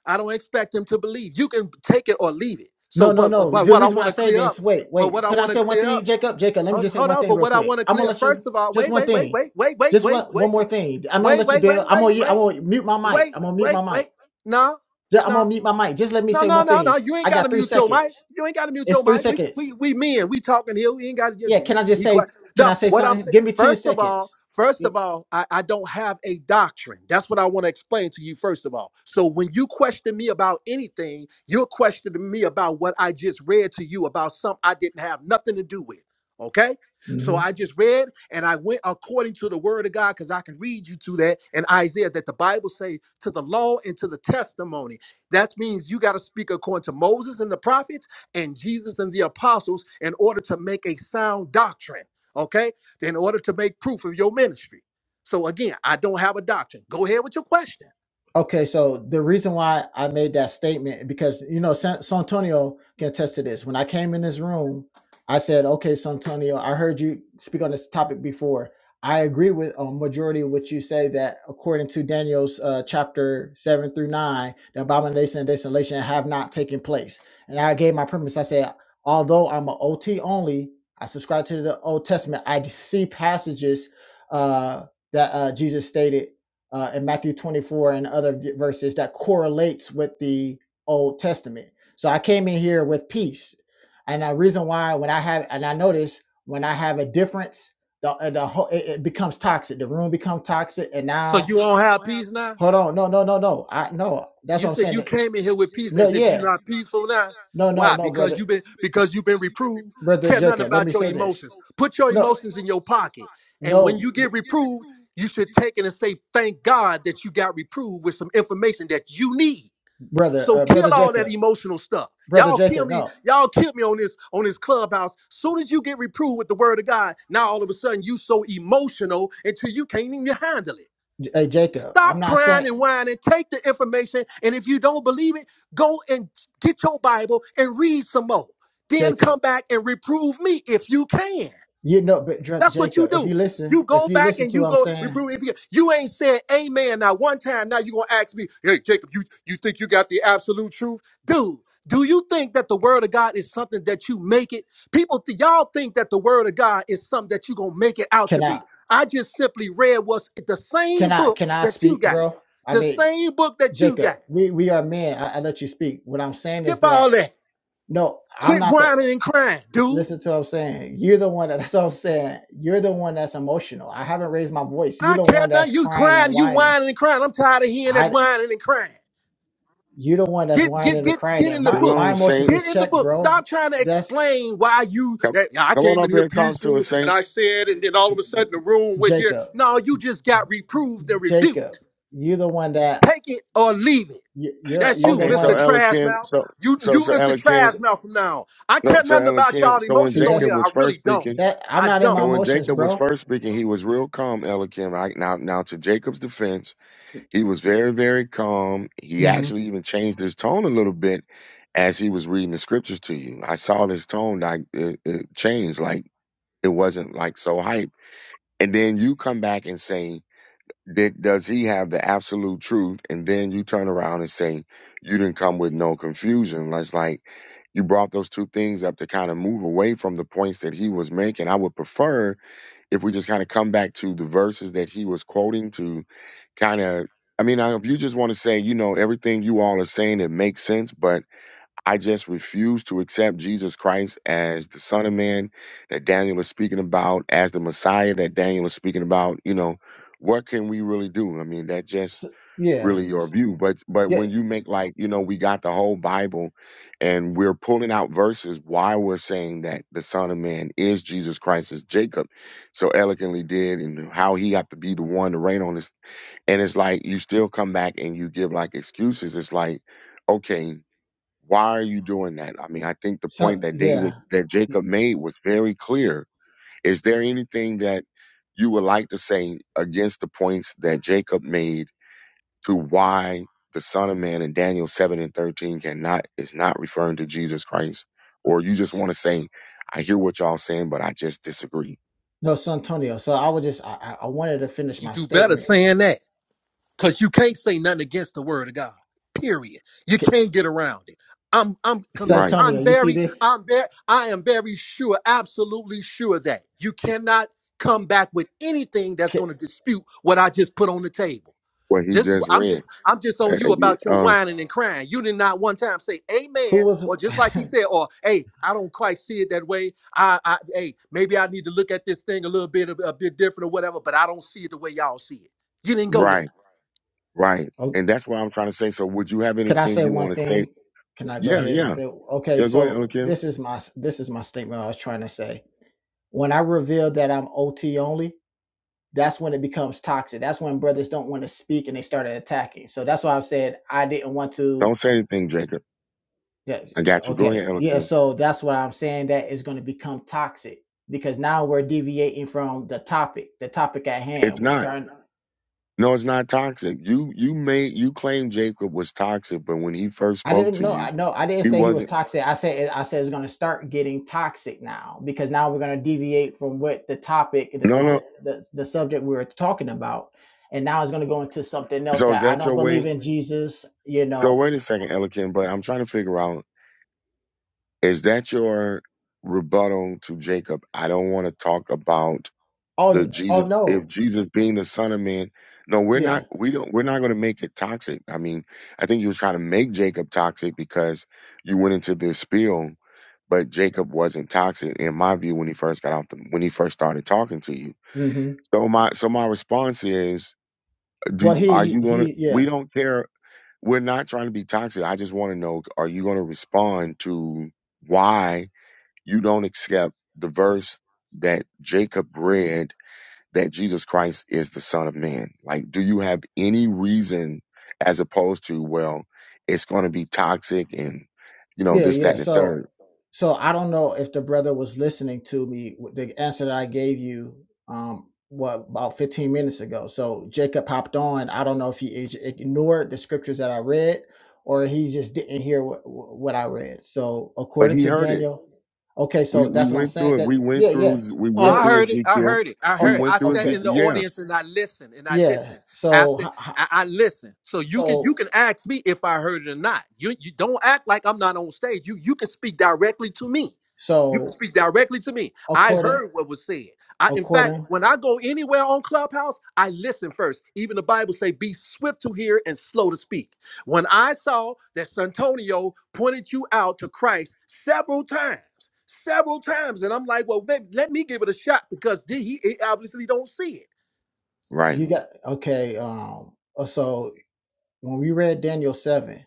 D: I don't expect him to believe. You can take it or leave it. So,
C: No no
D: but
C: no.
D: but
C: The
D: what I
C: reason why
D: want
C: I
D: to
C: say
D: clear
C: this.
D: up.
C: Wait
D: But what
C: wait.
D: I
C: Can I
D: want to
C: say one
D: clear up
C: thing, Jacob? Jacob, let me
D: Hold,
C: just say
D: hold
C: one
D: on,
C: thing
D: but
C: real
D: what I
C: quick.
D: want to
C: I'm gonna
D: clear
C: let you.
D: first of all,
C: Just
D: wait,
C: one
D: wait, wait,
C: thing.
D: wait, wait, wait,
C: Just one
D: wait,
C: one
D: wait,
C: more thing. I'm gonna
D: wait, wait,
C: let you
D: wait, wait,
C: build. I'm gonna I'm
D: wait,
C: gonna mute my
D: wait,
C: mic.
D: wait,
C: I'm gonna mute my
D: wait. wait,
C: mic.
D: No,
C: Ju- I'm
D: no.
C: gonna mute my mic. Just let me
D: No,
C: say
D: no,
C: one
D: no,
C: thing.
D: no. You ain't
C: I
D: got
C: got
D: to
C: three
D: mute your mic.
C: seconds.
D: You ain't got to mute
C: It's
D: your
C: three
D: mic. We could, we
C: seconds.
D: we men. We talking here. We ain't got to
C: Yeah.
D: be,
C: Can I just
D: be quiet.
C: say? Can
D: No,
C: I say
D: what I'm
C: something?
D: saying.
C: Give me ten
D: First of all,
C: seconds.
D: first of all, I, I don't have a doctrine. That's what I want to explain to you. First of all, so when you question me about anything, you're questioning me about what I just read to you about something I didn't have nothing to do with. Okay. So I just read and I went according to the word of God because I can read you to that and Isaiah that the Bible say to the law and to the testimony. That means you got to speak according to Moses and the prophets and Jesus and the apostles in order to make a sound doctrine, okay? In order to make proof of your ministry. So again, I don't have a doctrine. Go ahead with your question.
C: Okay, so the reason why I made that statement because you know San, Santonio can attest to this. When I came in this room, I said, "Okay, Santonio, I heard you speak on this topic before. I agree with a majority of what you say that according to Daniel's uh, chapter seven through nine, the abomination and desolation have not taken place." And I gave my premise. I said, although I'm an OT only, I subscribe to the Old Testament. I see passages uh, that uh, Jesus stated uh, in Matthew 24 and other verses that correlates with the Old Testament. So I came in here with peace. And the reason why, when I have, and I notice when I have a difference, the, uh, the whole, it, it becomes toxic. The room becomes toxic. And
D: So
C: now,
D: you don't have peace now?
C: hold on. No, no, no, no. I, no, that's
D: You
C: what I'm
D: said
C: saying.
D: you
C: That,
D: came in here with peace
C: no,
D: as if
C: yeah.
D: you're not peaceful now.
C: now. No, no,
D: Why?
C: no, brother.
D: Because you've been because you've been reproved.
C: Brother
D: Care nothing
C: Jacob, let
D: about
C: me
D: your
C: say this.
D: emotions. Put your
C: No,
D: emotions in your pocket. And
C: no,
D: when you get reproved, you should take it and say, thank God that you got reproved with some information that you need
C: brother,
D: So
C: uh,
D: kill
C: brother
D: all
C: Jacob.
D: that emotional stuff.
C: brother
D: Y'all kill
C: Jacob.
D: me.
C: No,
D: Y'all kill me on this on this clubhouse. Soon as you get reproved with the word of God, now all of a sudden you so emotional until you can't even handle it.
C: J- hey Jacob. I'm
D: Stop
C: not
D: crying
C: saying
D: and whining. Take the information, and if you don't believe it, go and get your Bible and read some more. Then
C: Jacob.
D: come back and reprove me if you can.
C: You know, but Dr-
D: That's what you
C: Jacob, if you
D: do.
C: listen,
D: You
C: if
D: go
C: you
D: back
C: listen
D: and
C: to
D: you
C: what I'm
D: go
C: saying,
D: reprove. If you, you ain't said amen now one time, now you gonna ask me, hey Jacob, you you think you got the absolute truth, dude? Do you think that the word of God is something that you make it? People, th- y'all think that the word of God is something that you gonna make it out
C: can
D: to
C: I,
D: be. I just simply read what's the
C: can
D: same
C: I,
D: book
C: can I
D: that you
C: speak,
D: got,
C: bro? I
D: the
C: mean,
D: same book that you
C: Jacob,
D: got.
C: we we are men. I, I let you speak. What I'm saying
D: Skip
C: is that
D: all that.
C: no, I'm
D: Quit
C: not the.
D: whining and crying, dude.
C: Listen to what I'm saying. You're the one that, that's what I'm saying. You're the one that's emotional. I haven't raised my voice. You're
D: I
C: the
D: care
C: one
D: now.
C: that's
D: You
C: crying
D: crying,
C: and
D: you
C: whining.
D: whining and crying. I'm tired of hearing that
C: I,
D: whining and crying.
C: you're the one that's
D: Get get
C: whining and
D: get
C: crying.
D: get
C: And
D: in the
C: my
A: Come
D: book.
C: my
A: on,
C: emotions
A: Saint.
D: Get
C: is
D: in the
C: checked,
D: book.
C: bro.
D: Stop trying to
C: That's
D: explain why you.
A: Come,
D: that "Yeah, I
A: come on
D: came in
A: up here
D: here
A: and talk to us,
D: peaceful, and
A: Saint.
D: I said, and then all of a sudden the room went here.
C: Jacob.
D: No, you just got reproved and
C: Jacob,
D: rebuked.
C: you're the one that
D: Take it or leave it.
C: you- you're
D: That's
C: you're
D: you,
C: the
A: Okay, so
D: Mr.
C: one.
D: Trash
A: Elikim,
D: Mouth.
A: so
D: You
A: so
D: you,
A: so
D: Mr.
A: Elikim,
C: s-
D: Trash Mouth. From now, on. I
A: so
D: care
A: so
D: nothing about
A: Elikim.
D: y'all
A: So when
C: See,
D: emotions on
C: that's
A: Jacob
D: here. I
A: was first
D: really don't.
A: speaking,
C: that. I'm
D: I
C: not in
D: don't.
C: my
A: so when
C: emotions,
A: Jacob was
C: bro.
A: first speaking, he was real calm, Elikim. Right now, now to Jacob's defense, he was very very calm. He
C: Mm-hmm.
A: actually even changed his tone a little bit as he was reading the scriptures to you. I saw this tone like it, it changed, like. It wasn't like so hype. And then you come back and say, did, does he have the absolute truth? And then you turn around and say, you didn't come with no confusion. That's like, you brought those two things up to kind of move away from the points that he was making. I would prefer if we just kind of come back to the verses that he was quoting to kind of, I mean, I- if you just want to say, you know, everything you all are saying, it makes sense, but I just refuse to accept Jesus Christ as the Son of Man that Daniel is speaking about, as the Messiah that Daniel is speaking about. You know, what can we really do? I mean, that's just
C: So, yeah,
A: really your
C: s-
A: view. But but
C: yeah.
A: when you make like, you know, we got the whole Bible and we're pulling out verses why we're saying that the Son of Man is Jesus Christ as Jacob so eloquently did and how he got to be the one to reign on this. And it's like you still come back and you give like excuses. It's like, okay. Why are you doing that? I mean, I think the
C: So
A: point that David
C: yeah,
A: that
C: Y-
A: Jacob made was very clear. Is there anything that you would like to say against the points that Jacob made to why the Son of Man in Daniel seven and thirteen cannot is not referring to Jesus Christ? Or you just
C: s-
A: want to say, I hear what y'all saying, but I just disagree.
C: no, Santonio. So I was just I I I wanted to finish
D: You
C: my
D: do better
C: statement.
D: saying that. Cause you can't say nothing against the word of God. Period. You
C: K-
D: can't get around it. I'm I'm com-
A: Right.
C: Santonio,
D: I'm
C: you see
D: very
C: this?
D: I'm very I am very sure, absolutely sure that you cannot come back with anything that's going to
C: K-
D: dispute what I just put on the table.
A: What he
D: This
A: just
D: I'm
A: read.
D: just I'm just
A: Uh,
D: on
A: uh,
D: you about your
A: uh,
D: whining and crying. You did not one time say
C: Who
D: amen
C: was?
D: or just like he said or hey I don't quite see it that way. I I hey maybe I need to look at this thing a little bit a, a bit different or whatever. But I don't see it the way y'all see it. You didn't go there.
A: right, right.
C: oh,
A: And that's what I'm trying to say. So would you have
C: can I
A: anything
C: say
A: you want
C: one
A: to say?
C: thing? Can I go
A: Yeah,
C: ahead and
A: yeah.
C: say okay?
A: Yeah, go ahead, Uncle
C: So
A: Kim.
C: this is my s- this is my statement. I was trying to say when I revealed that I'm OT only. that's when it becomes toxic. That's when brothers don't want to speak and they started attacking. So that's why I've said I didn't want to.
A: Don't say anything, Jacob. I
C: yeah,
A: got you. Go ahead,
C: Okay, yeah.
A: Elkin.
C: So that's what I'm saying. That is going to become toxic because now we're deviating from the topic, the topic at
A: It's
C: hand. We
A: not.
C: start.
A: No, it's not toxic. You you made you claim Jacob was toxic, but when he first
C: I
A: spoke
C: didn't
A: to
C: know.
A: you,
C: I know. I didn't
A: he
C: say he was
A: wasn't.
C: toxic. I said. I said it's going to start getting toxic now because now we're going to deviate from what the topic, and the
A: No, no.
C: subject, the, the subject we were talking about, and now it's going to go into something else
A: So is
C: that I
A: that
C: don't
A: your
C: believe
A: way?
C: in Jesus. You
A: So
C: know,
A: wait a second, Elkin. But I'm trying to figure out is that your rebuttal to Jacob? I don't want to talk about
C: Oh,
A: the
C: n- oh
A: Jesus if
C: no.
A: Jesus being the Son of Man. No, we're
C: Yeah.
A: not we don't we're not gonna make it toxic. I mean, I think he was trying to make Jacob toxic because you went into this spiel, but Jacob wasn't toxic in my view when he first got off the when he first started talking to you.
C: hmm
A: So my so my response is do
C: Well,
A: are
C: he, he,
A: you gonna
C: he
A: we
C: yeah,
A: don't care we're not trying to be toxic. I just wanna know are you gonna respond to why you don't accept the verse that Jacob read that Jesus Christ is the Son of Man? Like, do you have any reason as opposed to, well, it's going to be toxic and, you know,
C: yeah,
A: this, that,
C: yeah.
A: and the
C: So,
A: third?
C: so I don't know if the brother was listening to me. with The answer that I gave you, um, what about 15 minutes ago? So Jacob hopped on. I don't know if he ig- ignored the scriptures that I read, or he just didn't hear what, what I read. So
A: But
C: according
A: he
C: to
A: heard it.
C: Daniel, okay.
A: We
C: So
A: we
C: that's what I'm
A: went
C: saying.
A: through it.
C: That
A: We went
C: yeah,
A: through
C: yeah.
A: we
D: Oh,
A: went
D: I
A: through
C: So
D: heard it. I
A: Ezekiel.
D: heard it. I
A: We
D: heard.
C: okay,
D: I
A: went through
D: sat
C: okay,
A: Ezekiel.
D: in the
A: Yeah,
D: audience and I listened and I
C: yeah.
D: listened
C: So
D: after
C: h- h-
D: I, I listened. So you can you
C: so
D: can ask me if I heard it or not. You you don't act like I'm not on stage. You you can speak directly to me. You can
C: so
D: speak directly to me. I
C: according
D: heard what was said. I in fact,
C: according
D: when I go anywhere on Clubhouse, I listen first. Even the Bible say, "Be swift to hear and slow to speak." When I saw that Santonio pointed you out to Christ several times, several times, and I'm like, well, let, let me give it a shot because the- he, he obviously don't see it.
A: right.
C: you got okay um uh, so when we read daniel 7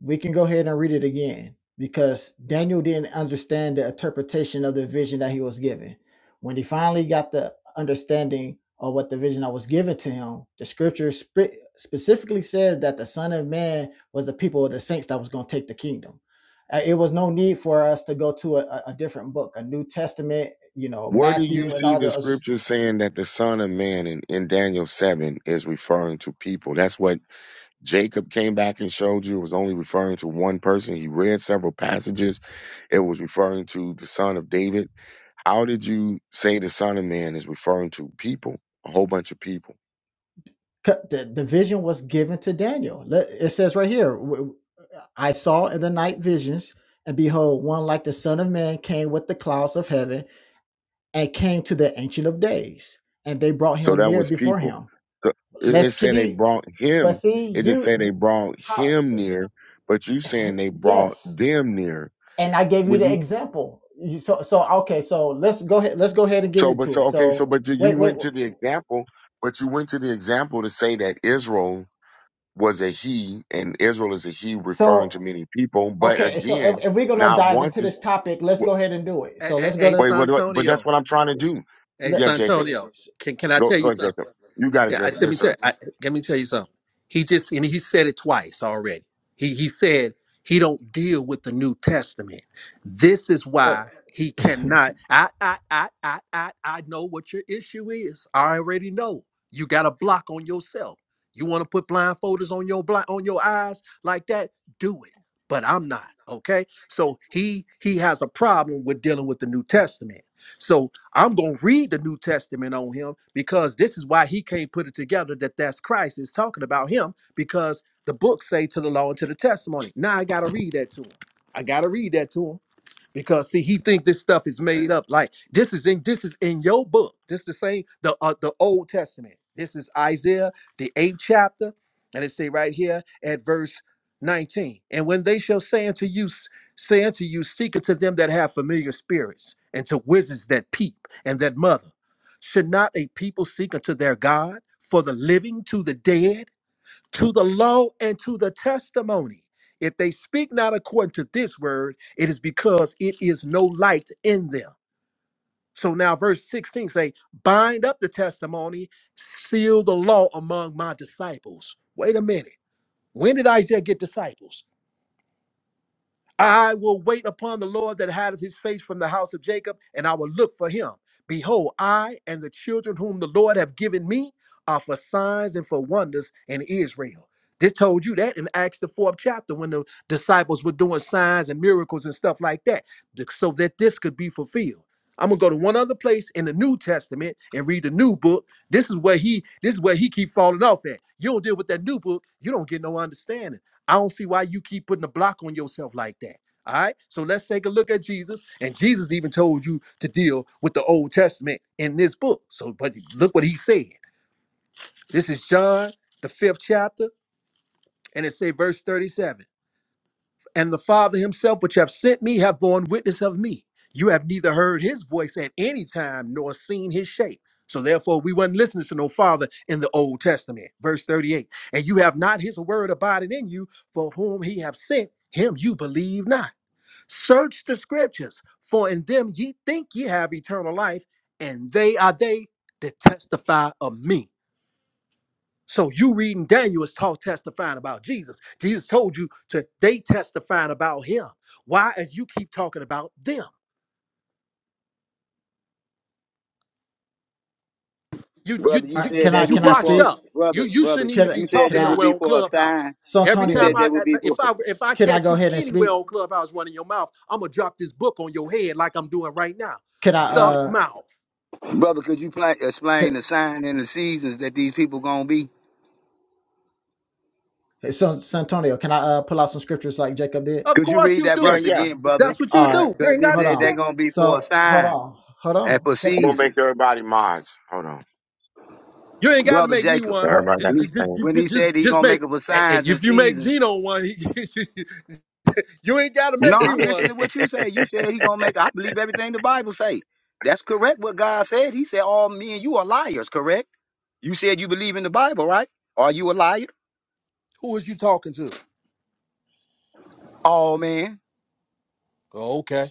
C: we can go ahead and read it again because daniel didn't understand the interpretation of the vision that he was given when he finally got the understanding of what the vision that was given to him the scripture spe- specifically says that the son of man was the people of the saints that was going to take the kingdom Uh, it was no need for us to go to a, a a different book a new testament you know
A: Where do you
C: matthew and
A: see
C: all
A: the
C: the other
A: scripture saying that the Son of Man in, in Daniel seven is referring to people? That's what Jacob came back and showed you. It was only referring to one person. He read several passages. It was referring to the Son of David How did you say the Son of Man is referring to people, a whole bunch of people?
C: the, the vision was given to Daniel. It says right here, "I saw in the night visions, and behold, one like the Son of Man came with the clouds of heaven and came to the Ancient of Days, and they brought
A: So
C: him
A: that
C: near
A: was
C: before
A: people.
C: him.
A: So it, it
C: Let's
A: said they
C: continue.
A: brought
C: But
A: him.
C: see,
A: It just
C: you,
A: said they brought
C: how,
A: him near, but you saying they brought
C: yes.
A: them near.
C: And I gave you
A: When
C: the
A: you
C: example. So, so okay. So let's go ahead. Let's go ahead and get
A: so but
C: into it.
A: so okay so
C: So
A: but you you
C: wait, wait.
A: went to the example, but you went to the example to say that Israel was a he and Israel is a he referring to
C: So
A: many people. But
C: okay. So
A: again,
C: if, if we're gonna
A: not
C: dive
A: once
C: into
A: is
C: this topic, let's
A: wait,
C: go ahead and do it.
D: Hey,
C: So
D: hey,
C: let's go
D: hey
C: to
A: what, what but that's
D: Santonio,
A: what I'm trying to do.
D: hey
C: let
A: Yeah, Jacob.
D: Santonio, can can I
A: Go,
D: tell you
A: go,
D: something?
A: Jacob. You got it,
D: Yeah, I,
A: Jacob.
D: let me
A: Yes,
D: tell
A: sir.
D: you, I, let me tell you something. He just and he said it twice already. He he said he don't deal with the New Testament. This is
C: what
D: why he cannot. I I I I I, I know what your issue is. I already know. You got a block on yourself. You want to put blindfolders on your blind on your eyes like that? Do it. But I'm not okay. So he he has a problem with dealing with the New Testament. So. I'm going to read the New Testament on him because this is why he can't put it together that that's Christ is talking about him because the books say to the law and to the testimony. Now I got to read that to him. I got to read that to him because see he think this stuff is made up like this is in this is in your book this the same the uh, the old testament this is isaiah the eighth chapter and it say right here at verse 19 and when they shall say unto you s- say unto you seek unto them that have familiar spirits and to wizards that peep and that mother should not a people seek unto their god for the living to the dead to the law and to the testimony. If they speak not according to this word, it is because it is no light in them. So now verse 16 say, bind up the testimony, seal the law among my disciples. Wait a minute. When did Isaiah get disciples? I will wait upon the Lord that hideth his face from the house of Jacob, and I will look for him. Behold, I and the children whom the Lord have given me are for signs and for wonders in Israel. They told you that in Acts the fourth chapter when the disciples were doing signs and miracles and stuff like that, th- so that this could be fulfilled. I'm gonna go to one other place in the New Testament and read the new book. This is where he this is where he keep falling off at. You don't deal with that new book, you don't get no understanding. I don't see why you keep putting a block on yourself like that. All right. So let's take a look at Jesus. And Jesus even told you to deal with the Old Testament in this book. So, but look what he said. This is John, the fifth chapter, and it say verse 37 and the Father himself, which have sent me, have borne witness of me. You have neither heard his voice at any time nor seen his shape. So therefore, we were not listening to no Father in the Old Testament. Verse 38. And you have not his word abiding in you, for whom he have sent, him you believe not. Search the scriptures, for in them ye think ye have eternal life, and they are they that testify of me. So you reading Daniel is taught testifying about Jesus. Jesus told you to they testifying about him. Why as you keep talking about them? You you
E: Brother, you
D: you
C: right,
D: you,
E: said
C: can
E: they
C: I
D: you
E: would
C: can I
E: be
D: washed
E: for
C: speak?
D: up. You
E: brother,
D: you
E: brother.
D: shouldn't
C: Can
D: even
C: I
D: be
E: You said
C: can
D: talking
E: they would
C: I
D: nowhere
E: be
D: on
E: for a sign.
D: Clubhouse.
C: so
D: Every
E: You
D: time
E: said
C: Antonio,
E: they
D: I
E: would be
D: if
E: for
D: I if I
C: can I
D: catch
C: go
D: you
C: ahead and
D: anywhere
C: speak?
D: on Clubhouse running your mouth, I'm gonna drop this book on your head like I'm doing right now.
C: Can I
D: Stuff
C: uh
D: mouth.
E: brother. Could you pla
C: can,
E: explain the sign and the seasons that these people gonna be?
C: hey, so Santonio, can I uh pull out some scriptures like Jacob did?
D: Of
E: Could you
D: course
E: read
D: you
E: that
A: Yeah,
D: do.
E: verse
A: yeah.
E: again, brother?
D: That's what you
C: All right,
D: do.
E: Because
D: Bring
E: they
D: out
C: hold
D: the
E: said they
C: on.
E: gonna
D: scripture.
E: be for a
C: So hold
E: sign
C: on, hold
E: and
C: on.
E: for
C: Can
A: I'm
C: I,
A: gonna make
E: season,
A: everybody mods. Hold on.
D: You ain't got to
E: brother
D: make me
E: Jacob.
D: one.
C: uh,
A: Everybody got
D: Just,
E: When he,
D: just,
A: the
E: when
D: just,
E: he said
D: just
E: he gonna
D: make.
E: make up for
D: And and
E: signs and
D: if you make
E: seasons.
D: Gino one, he, you ain't got to
E: No,
D: make me
E: I'm
D: one.
E: listening
A: same.
E: to what you say. You said he gonna make. I believe everything the Bible say. That's correct. What God said. He said all men you are liars. Correct. You said you believe in the Bible, right? Are you a liar?
D: Who was you talking to?
E: Oh man.
D: Oh, okay.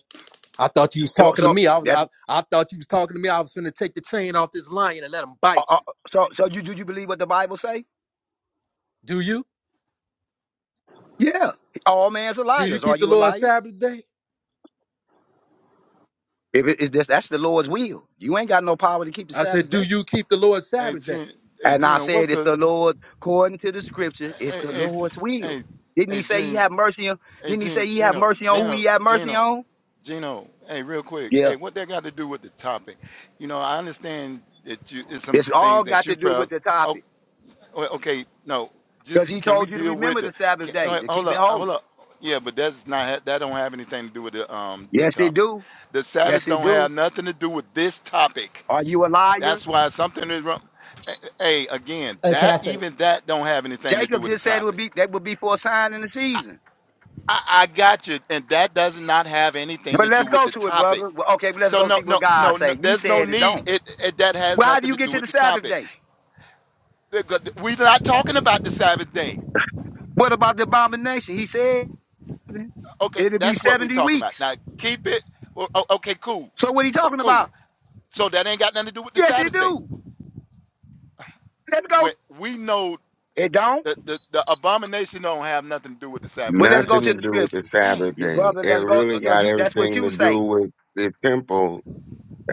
D: I thought you was
E: So,
D: talking to
E: so
D: me. I was.
E: that's
D: I, I thought you was talking to me. I was finna take the chain off this lion and let him
E: uh,
D: bite
E: uh,
D: you.
E: so. So you do you believe what the Bible say?
D: Do you?
E: Yeah. All man's a
D: Do you
E: liars. Are
D: keep the
E: you a
D: Lord's
E: liar?
D: Sabbath day?
E: If it is this, that's the Lord's will. You ain't got no power to keep the
D: I
E: Sabbath
D: said, Do
E: day.
D: you keep the Lord's
B: Hey,
D: Sabbath day?
B: Gina, hey,
E: And I
B: Gina, what's
E: said it's
B: the,
E: the Lord, according to the Scripture, it's
B: hey,
E: the
B: hey,
E: Lord's will.
B: hey,
E: Didn't He
B: hey,
E: say He
B: Gina,
E: have mercy on?
B: hey,
E: Didn't He say
B: Gina,
E: He have
B: Gino,
E: mercy on who He
B: Gino,
E: have mercy
B: Gino,
E: on?
B: Gino, hey, real quick,
E: Yeah.
B: hey, what that got to do with the topic? You know, I understand that you, it's some
E: It's
B: things
E: all
B: that
E: got to
B: you
E: do with
B: prob,
E: the
B: oh,
E: topic
B: well, okay, no,
E: because
B: just,
E: He
B: can we
E: told you to
B: deal with
E: remember the
B: the,
E: Sabbath
B: can, oh,
E: day
B: wait,
E: to
B: hold
E: keep it
B: up,
E: holy.
B: hold up, yeah, but that's not, that don't have anything to do with the, um, the
E: Yes, it
B: topic.
E: do.
B: The Sabbath
E: Yes, it
B: don't have
E: do.
B: nothing to do with this topic.
E: Are you a liar?
B: That's why something is wrong. Hey, again,
C: hey, can
B: that
C: I say
B: even that don't have anything to do
E: Jacob
B: with the
E: just said it would
B: topic.
E: be that would be for a sign in the season.
B: I, I got you, and that does not have anything
E: But
B: to do
E: let's
B: with
E: go
B: the
E: to it,
B: topic.
E: brother. Well, okay, but let's
B: So
E: go
B: no,
E: see what
B: no,
E: God
B: no, no
E: say. You
B: there's no
E: said it don't.
B: need. It, it that has
E: Well, how do
B: nothing
E: you
B: to
E: get
B: do
E: to the
B: with the
E: Sabbath
B: topic.
E: day?
B: We're not talking about the Sabbath day.
E: What about the abomination? He said
B: Okay,
E: it'll be
B: that's what we're
E: seventy
B: talking about.
E: weeks.
B: Now keep it. o- o- Okay, cool.
E: So what he
B: Oh,
E: talking
B: cool.
E: about?
B: So that ain't got nothing to do with the
E: Yes, it
B: Sabbath day.
E: do. Let's
B: We,
E: go.
B: we know
E: It don't.
B: the, the the abomination don't have nothing to do with the Sabbath
E: Well,
B: day
E: let's
B: now.
E: go
A: Nothing
E: to
A: to
E: the
A: do with
E: scripture.
A: the
B: Dang.
A: Sabbath
E: Yeah,
A: day.
E: brother.
A: It
E: Let's go.
A: really
E: So
A: got
E: you that's what
A: everything
E: you
A: to do
E: say.
A: with the temple.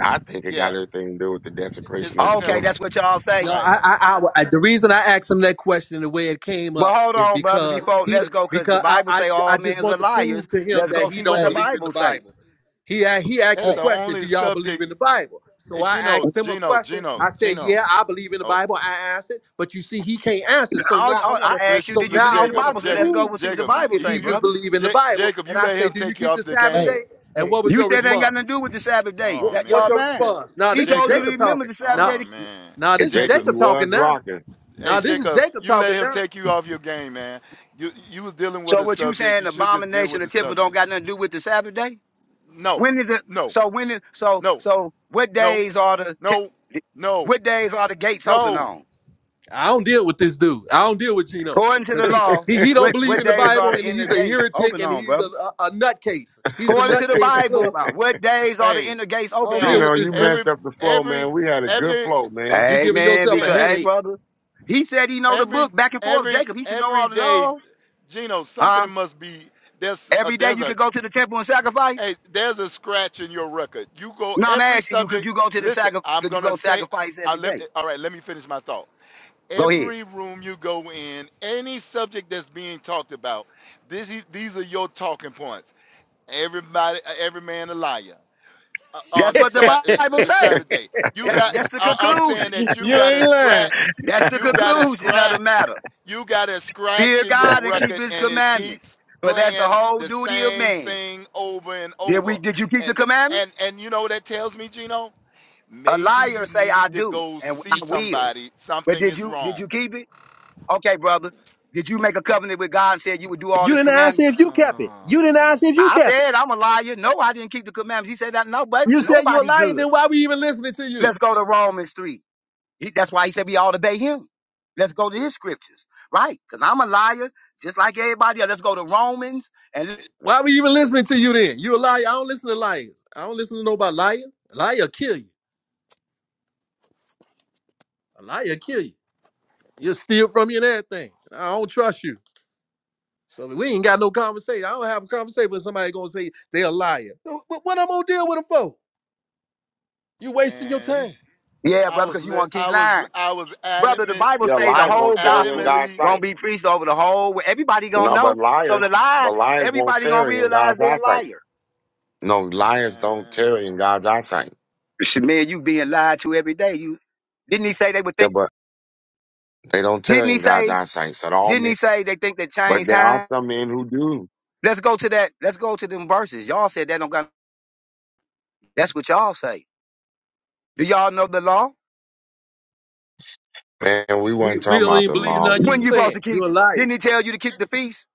A: I think it
B: Yeah.
A: got everything to do with the
B: It's
A: desecration
B: the
A: of the
E: Okay, that's
B: temple,
A: temple.
E: what y'all
D: No,
E: say.
B: right?
D: I, I, I, I- the reason I asked him that question the way it came
E: Well,
D: up
E: hold
D: is
E: on, brother.
D: because
E: Before
D: he,
E: let's go, cause the
D: because I,
E: Bible
D: I,
E: say all
D: I just
E: men's are
D: want to
E: liars.
D: prove to him
E: Let's
D: that
E: go
D: he
E: see what
D: don't
E: the
C: hey,
D: believe in the
E: Bible say.
D: Bible. He, a- he asked
B: That's
D: the
B: the
C: hey,
D: question,
B: only
D: "Do y'all believe
B: subject.
D: in the Bible?" So
B: Hey,
D: I
B: Gino,
D: asked him a
B: Gino,
D: question.
B: Gino,
D: I said,
B: Gino.
D: "Yeah, I believe in the
B: Oh,
D: Bible." I answered, but you see, he can't answer. So
E: All,
D: now I
E: all,
D: want to,
E: I
B: but
E: asked you,
D: so
E: did you
B: but
D: now
E: believe
D: I
E: in the
B: Jacob,
D: want to
E: Bible? So let's
B: Jacob,
E: go and
D: prove
E: see
D: to
E: what the
B: Jacob,
D: see
B: you,
E: Bible
D: if
E: say,
D: he do
B: you
E: brother.
D: believe in the
B: Ja-
D: Bible.
B: Jacob,
D: And
B: you
D: I
B: let
D: say,
B: him
D: "Do you
B: take you
D: keep the
B: off the
D: Sabbath day?"
C: hey,
B: game.
D: And
C: hey,
D: what was
E: You
D: your
E: said it
B: You,
E: ain't got
D: response?
E: nothing to do with the Sabbath day.
D: What,
B: oh
E: That
D: what's
E: y'all
D: your
B: man,
E: lying.
D: response? Now
E: He
D: this is
E: told you to
B: Jacob,
D: Jacob
E: remember
D: talking.
E: the Sabbath
D: Now,
B: oh
E: day.
B: man,
D: now
A: And
D: this is
A: Jacob,
B: Jacob.
D: Jacob
A: you
D: talking.
A: was
D: Now.
A: rocking.
B: Hey
D: Now this is
B: Jacob,
D: Jacob
B: you let
D: talking
B: him
D: now.
B: take you off your game, man. You you was dealing with
E: So
B: a
E: what you
B: subject.
E: saying,
B: You
E: the
B: should just deal
E: abomination
B: with
E: or
B: the
E: temple don't
B: subject.
E: got nothing to do with the Sabbath day?
B: No,
E: When is it?
B: no,
E: So when is so
B: no,
E: so? What
B: no,
E: days are the
B: no,
E: te-
B: no,
E: what days are the gates open
B: no.
E: on?
D: I don't deal with this dude. I don't deal with Gino
E: According to the
D: because he
B: Uh,
E: law,
D: he he don't
E: what
D: believe
E: what
D: in the
E: days are
D: Bible
E: the
D: and
E: inner
D: he's a
E: gates
D: heretic
E: open
D: and
E: on,
D: he's a,
E: brother?
D: a, a nutcase. He's the
E: According to the
D: nutcase of
E: Bible,
D: clubhouse.
E: what days are the
B: Hey,
E: inner gates
D: I
E: open
D: don't
A: You
E: on?
D: deal
B: hey,
D: with
A: know,
D: this
A: you
D: dude.
B: every,
A: messed up the flow,
B: every,
A: man. We had a good
B: every,
A: flow,
B: eh,
A: man.
D: You giving
E: Amen.
D: yourself a
E: Because,
B: yeah,
E: hey,
D: headache.
E: brother, he said he know the
B: every,
E: book back and forth.
B: every,
E: Jacob, he should know
B: every
E: all the
B: day,
E: law.
B: Gino,
E: Huh?
B: something must be. There's, uh,
E: Every day
B: there's
E: you
B: a,
E: could go to the temple and sacrifice.
B: hey, there's a scratch in your record. You go
E: No, I'm
B: every
E: asking you, could
B: subject.
E: you go to the
B: Listen,
E: sacri-
B: I'm
E: Could you
B: gonna
E: go
B: say,
E: sacrifice
B: I
E: every
B: let,
E: day?
B: me- all right, let me finish my thought.
E: Go ahead.
B: Every room you go in, any subject that's being talked about, this is, these are your talking points. Everybody, every man a liar. uh, on
E: That's
B: the
E: what
B: Sa-
E: the
B: uh, the
E: Bible says.
B: Sabbath day. You
E: That's
B: got.
E: that's the
B: I, I'm saying
E: conclusion.
B: that you
D: you
B: got a
D: ain't lying.
B: scratch.
E: That's the
B: You got a
E: conclusion of the
B: scratch.
E: matter.
B: You got a scratch
E: Fear
B: in your
E: God and keep
B: record,
E: His
B: and it
E: commandments.
B: keeps
E: But that's the
B: playing
E: whole
B: the
E: duty of
B: same
E: man.
B: thing over and
E: Did we?
B: over.
E: Did you keep the
B: And and
E: commandments?
B: and you know what that tells me, Gino?
E: A
B: Maybe
E: liar
B: you
E: say I
B: need to
E: do
B: go
E: and
B: see
E: I will.
B: somebody.
E: But
B: Something
E: did
B: is
E: you? Did
B: wrong.
E: you keep it? Okay, brother. Did you make a covenant with God and said you would do all
D: You
E: his
D: didn't ask
E: commandments?
D: if you kept it. You
B: Oh
D: didn't
B: man,
D: ask if you
E: I
D: kept it.
E: said, I'm a liar. No, I didn't keep the commandments. He said that no, but
D: You said you're a
E: nobody
D: liar.
E: good.
D: Then why we even listening to you?
E: Let's go to Romans 3. He- that's why he said we all obey him. Let's go to his scriptures, right? Because I'm a liar, just like everybody else. Let's go to Romans and
D: Why we even listening to you then? You a liar. I don't listen to liars. I don't listen to nobody lying. A liar kill you. A liar kill you. You'll steal from you and everything. I don't trust you. So we ain't got no conversation. I don't have a conversation with somebody gonna say they a liar. No, But what I'm gonna deal with them for? You wasting your
B: man,
D: time.
B: he's.
E: yeah,
B: I
E: brother,
B: was
E: because you
B: lit.
E: want to keep
B: I was.
E: lying.
B: I was
E: Brother, the
B: adamant.
E: Bible
A: Yeah,
E: say the
B: I
A: lions
B: was
E: whole
A: won't tarry in
E: gospel
A: God's
B: adamantly.
E: gonna
A: sight.
E: be preached over the whole everybody gonna
A: No,
E: know.
A: but
E: So the
A: liars,
E: lie,
A: but lions won't
E: everybody gonna
A: tarry in
E: realize
A: God's
E: they're a
A: eyesight.
E: liar.
A: No, lions don't
B: Man.
A: tarry in God's eyesight.
E: Shit, man, you being lied to every day. You didn't he say they would
A: Yeah,
E: think?
A: but. They don't tell
E: Didn't
A: you
E: he
A: in God's
E: say?
A: eyesight. So all
E: Didn't he
A: men,
E: say they think they
A: but
E: change
A: there are
E: time?
A: some men who do.
E: Let's go to that. Let's go to them verses. Y'all said that don't got. That's what y'all say. Do y'all know the law?
A: Man, we
D: We,
A: weren't
D: we
A: talking
D: don't
A: about
D: even
A: the
D: believe
A: law.
D: nothing you
E: When you
A: We,
E: supposed to
D: saying.
E: keep?
D: You're a liar.
E: Didn't he tell you to keep the feast?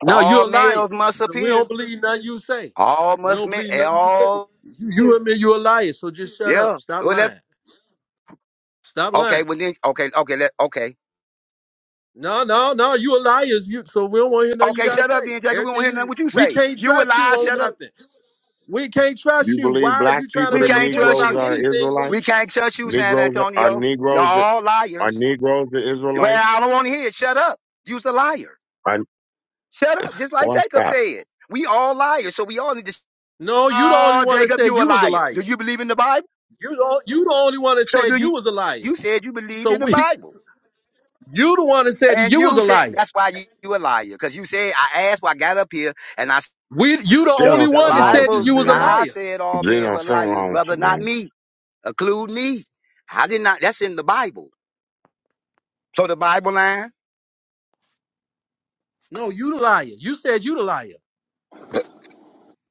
D: No, you're
E: All
D: a liar.
E: males must
D: So we don't
E: appear.
D: believe nothing you say.
E: All
D: We
E: must
D: don't
E: men.
D: believe nothing you say.
E: All.
D: You, you admit you're a liar. So just shut
E: Yeah.
D: up. Stop
E: Well, that's
D: lying. Stop
E: okay.
D: lying.
E: Well, then okay, okay, let okay,
D: No, no, no. You a liar. You so we don't want to hear nothing you
E: okay.
D: guys
E: Shut up,
D: say.
E: then, Jacob. We don't
D: Everything
E: hear nothing
D: you
E: what you
D: we
E: say.
D: can't
E: You a
D: trust you
E: lie.
D: on
E: Shut up.
D: nothing. We can't trust
A: you
D: you.
A: believe
D: Why is
A: black
D: you trying to
A: people,
E: We
A: the
D: make a
E: can't
D: point
E: trust
D: about
A: Negroes
E: you.
A: are
D: anything when
A: Israelites?
D: you?
E: We can't trust you, San
A: Negroes are, are
E: Antonio. Y'all
A: Negroes that
E: all
A: are
E: liars.
A: Negroes the
E: Well,
A: Israelites?
E: I don't want to hear it. Shut up. You's a liar.
A: Are,
E: Shut up. Just like
A: boy,
E: Jacob
A: stop,
E: said. We all liars. So we all need to. sh-
D: No, you the only
E: Oh,
D: one that
E: Jacob,
D: said
E: you a
D: you was a
E: liar.
D: liar.
E: Do you believe in the Bible?
D: You the, you the only one that
E: So
D: said
E: do you?
D: you was a liar.
E: You said you believed
D: So
E: in the
D: we
E: Bible.
D: you the one that said that
E: And
D: you was
E: you
D: a
E: said,
D: liar.
E: that's why you, you a liar. Cause you said, I asked why I got up here and I, s-
D: We you the
E: the,
A: Gino.
D: only
E: the
D: one
A: Something
D: that
A: wrong with
D: said that
A: you,
E: Bible,
D: you was a
A: Gino.
E: God
D: liar.
E: said all men's
A: Gino,
E: are
A: something
E: liars,
A: wrong with you,
E: brother, not
A: man.
E: me. Include me. I did not, that's in the Bible. So the Bible lying.
D: No, you the liar. You said you the liar.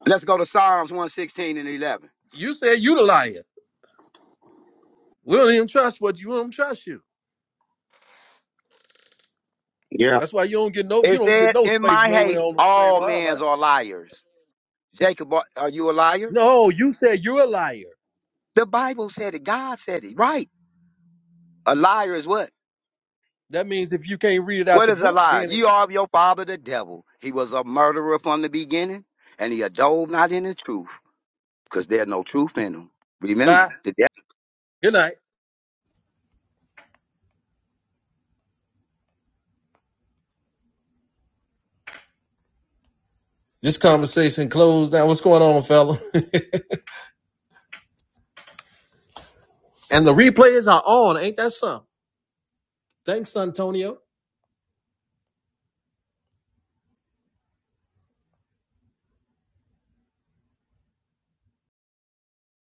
E: Let's go to Psalms 116 and 11.
D: You said you the liar. We don't even trust what you we don't trust you.
A: Yeah.
D: That's why you don't get no
E: It
D: you don't
E: said,
D: get no
E: In
D: space
E: my
D: nowhere
E: haste,
D: on the stage. am
E: all men
D: island.
E: are liars. Jacob, are are you a liar?
D: No, you said you're a liar.
E: The Bible said it. God said it. Right. A liar is what?
D: That means if you can't read it out
E: What
D: the
E: is a
D: book,
E: liar?
D: then it,
E: You are of your father, the devil. He was a murderer from the beginning, and he adove not in the truth, because there's no truth in him. Remember,
D: bye.
E: the devil.
D: Good night. This conversation closed now. What's going on, fella? And the replays are on. Ain't that something? Thanks, Antonio.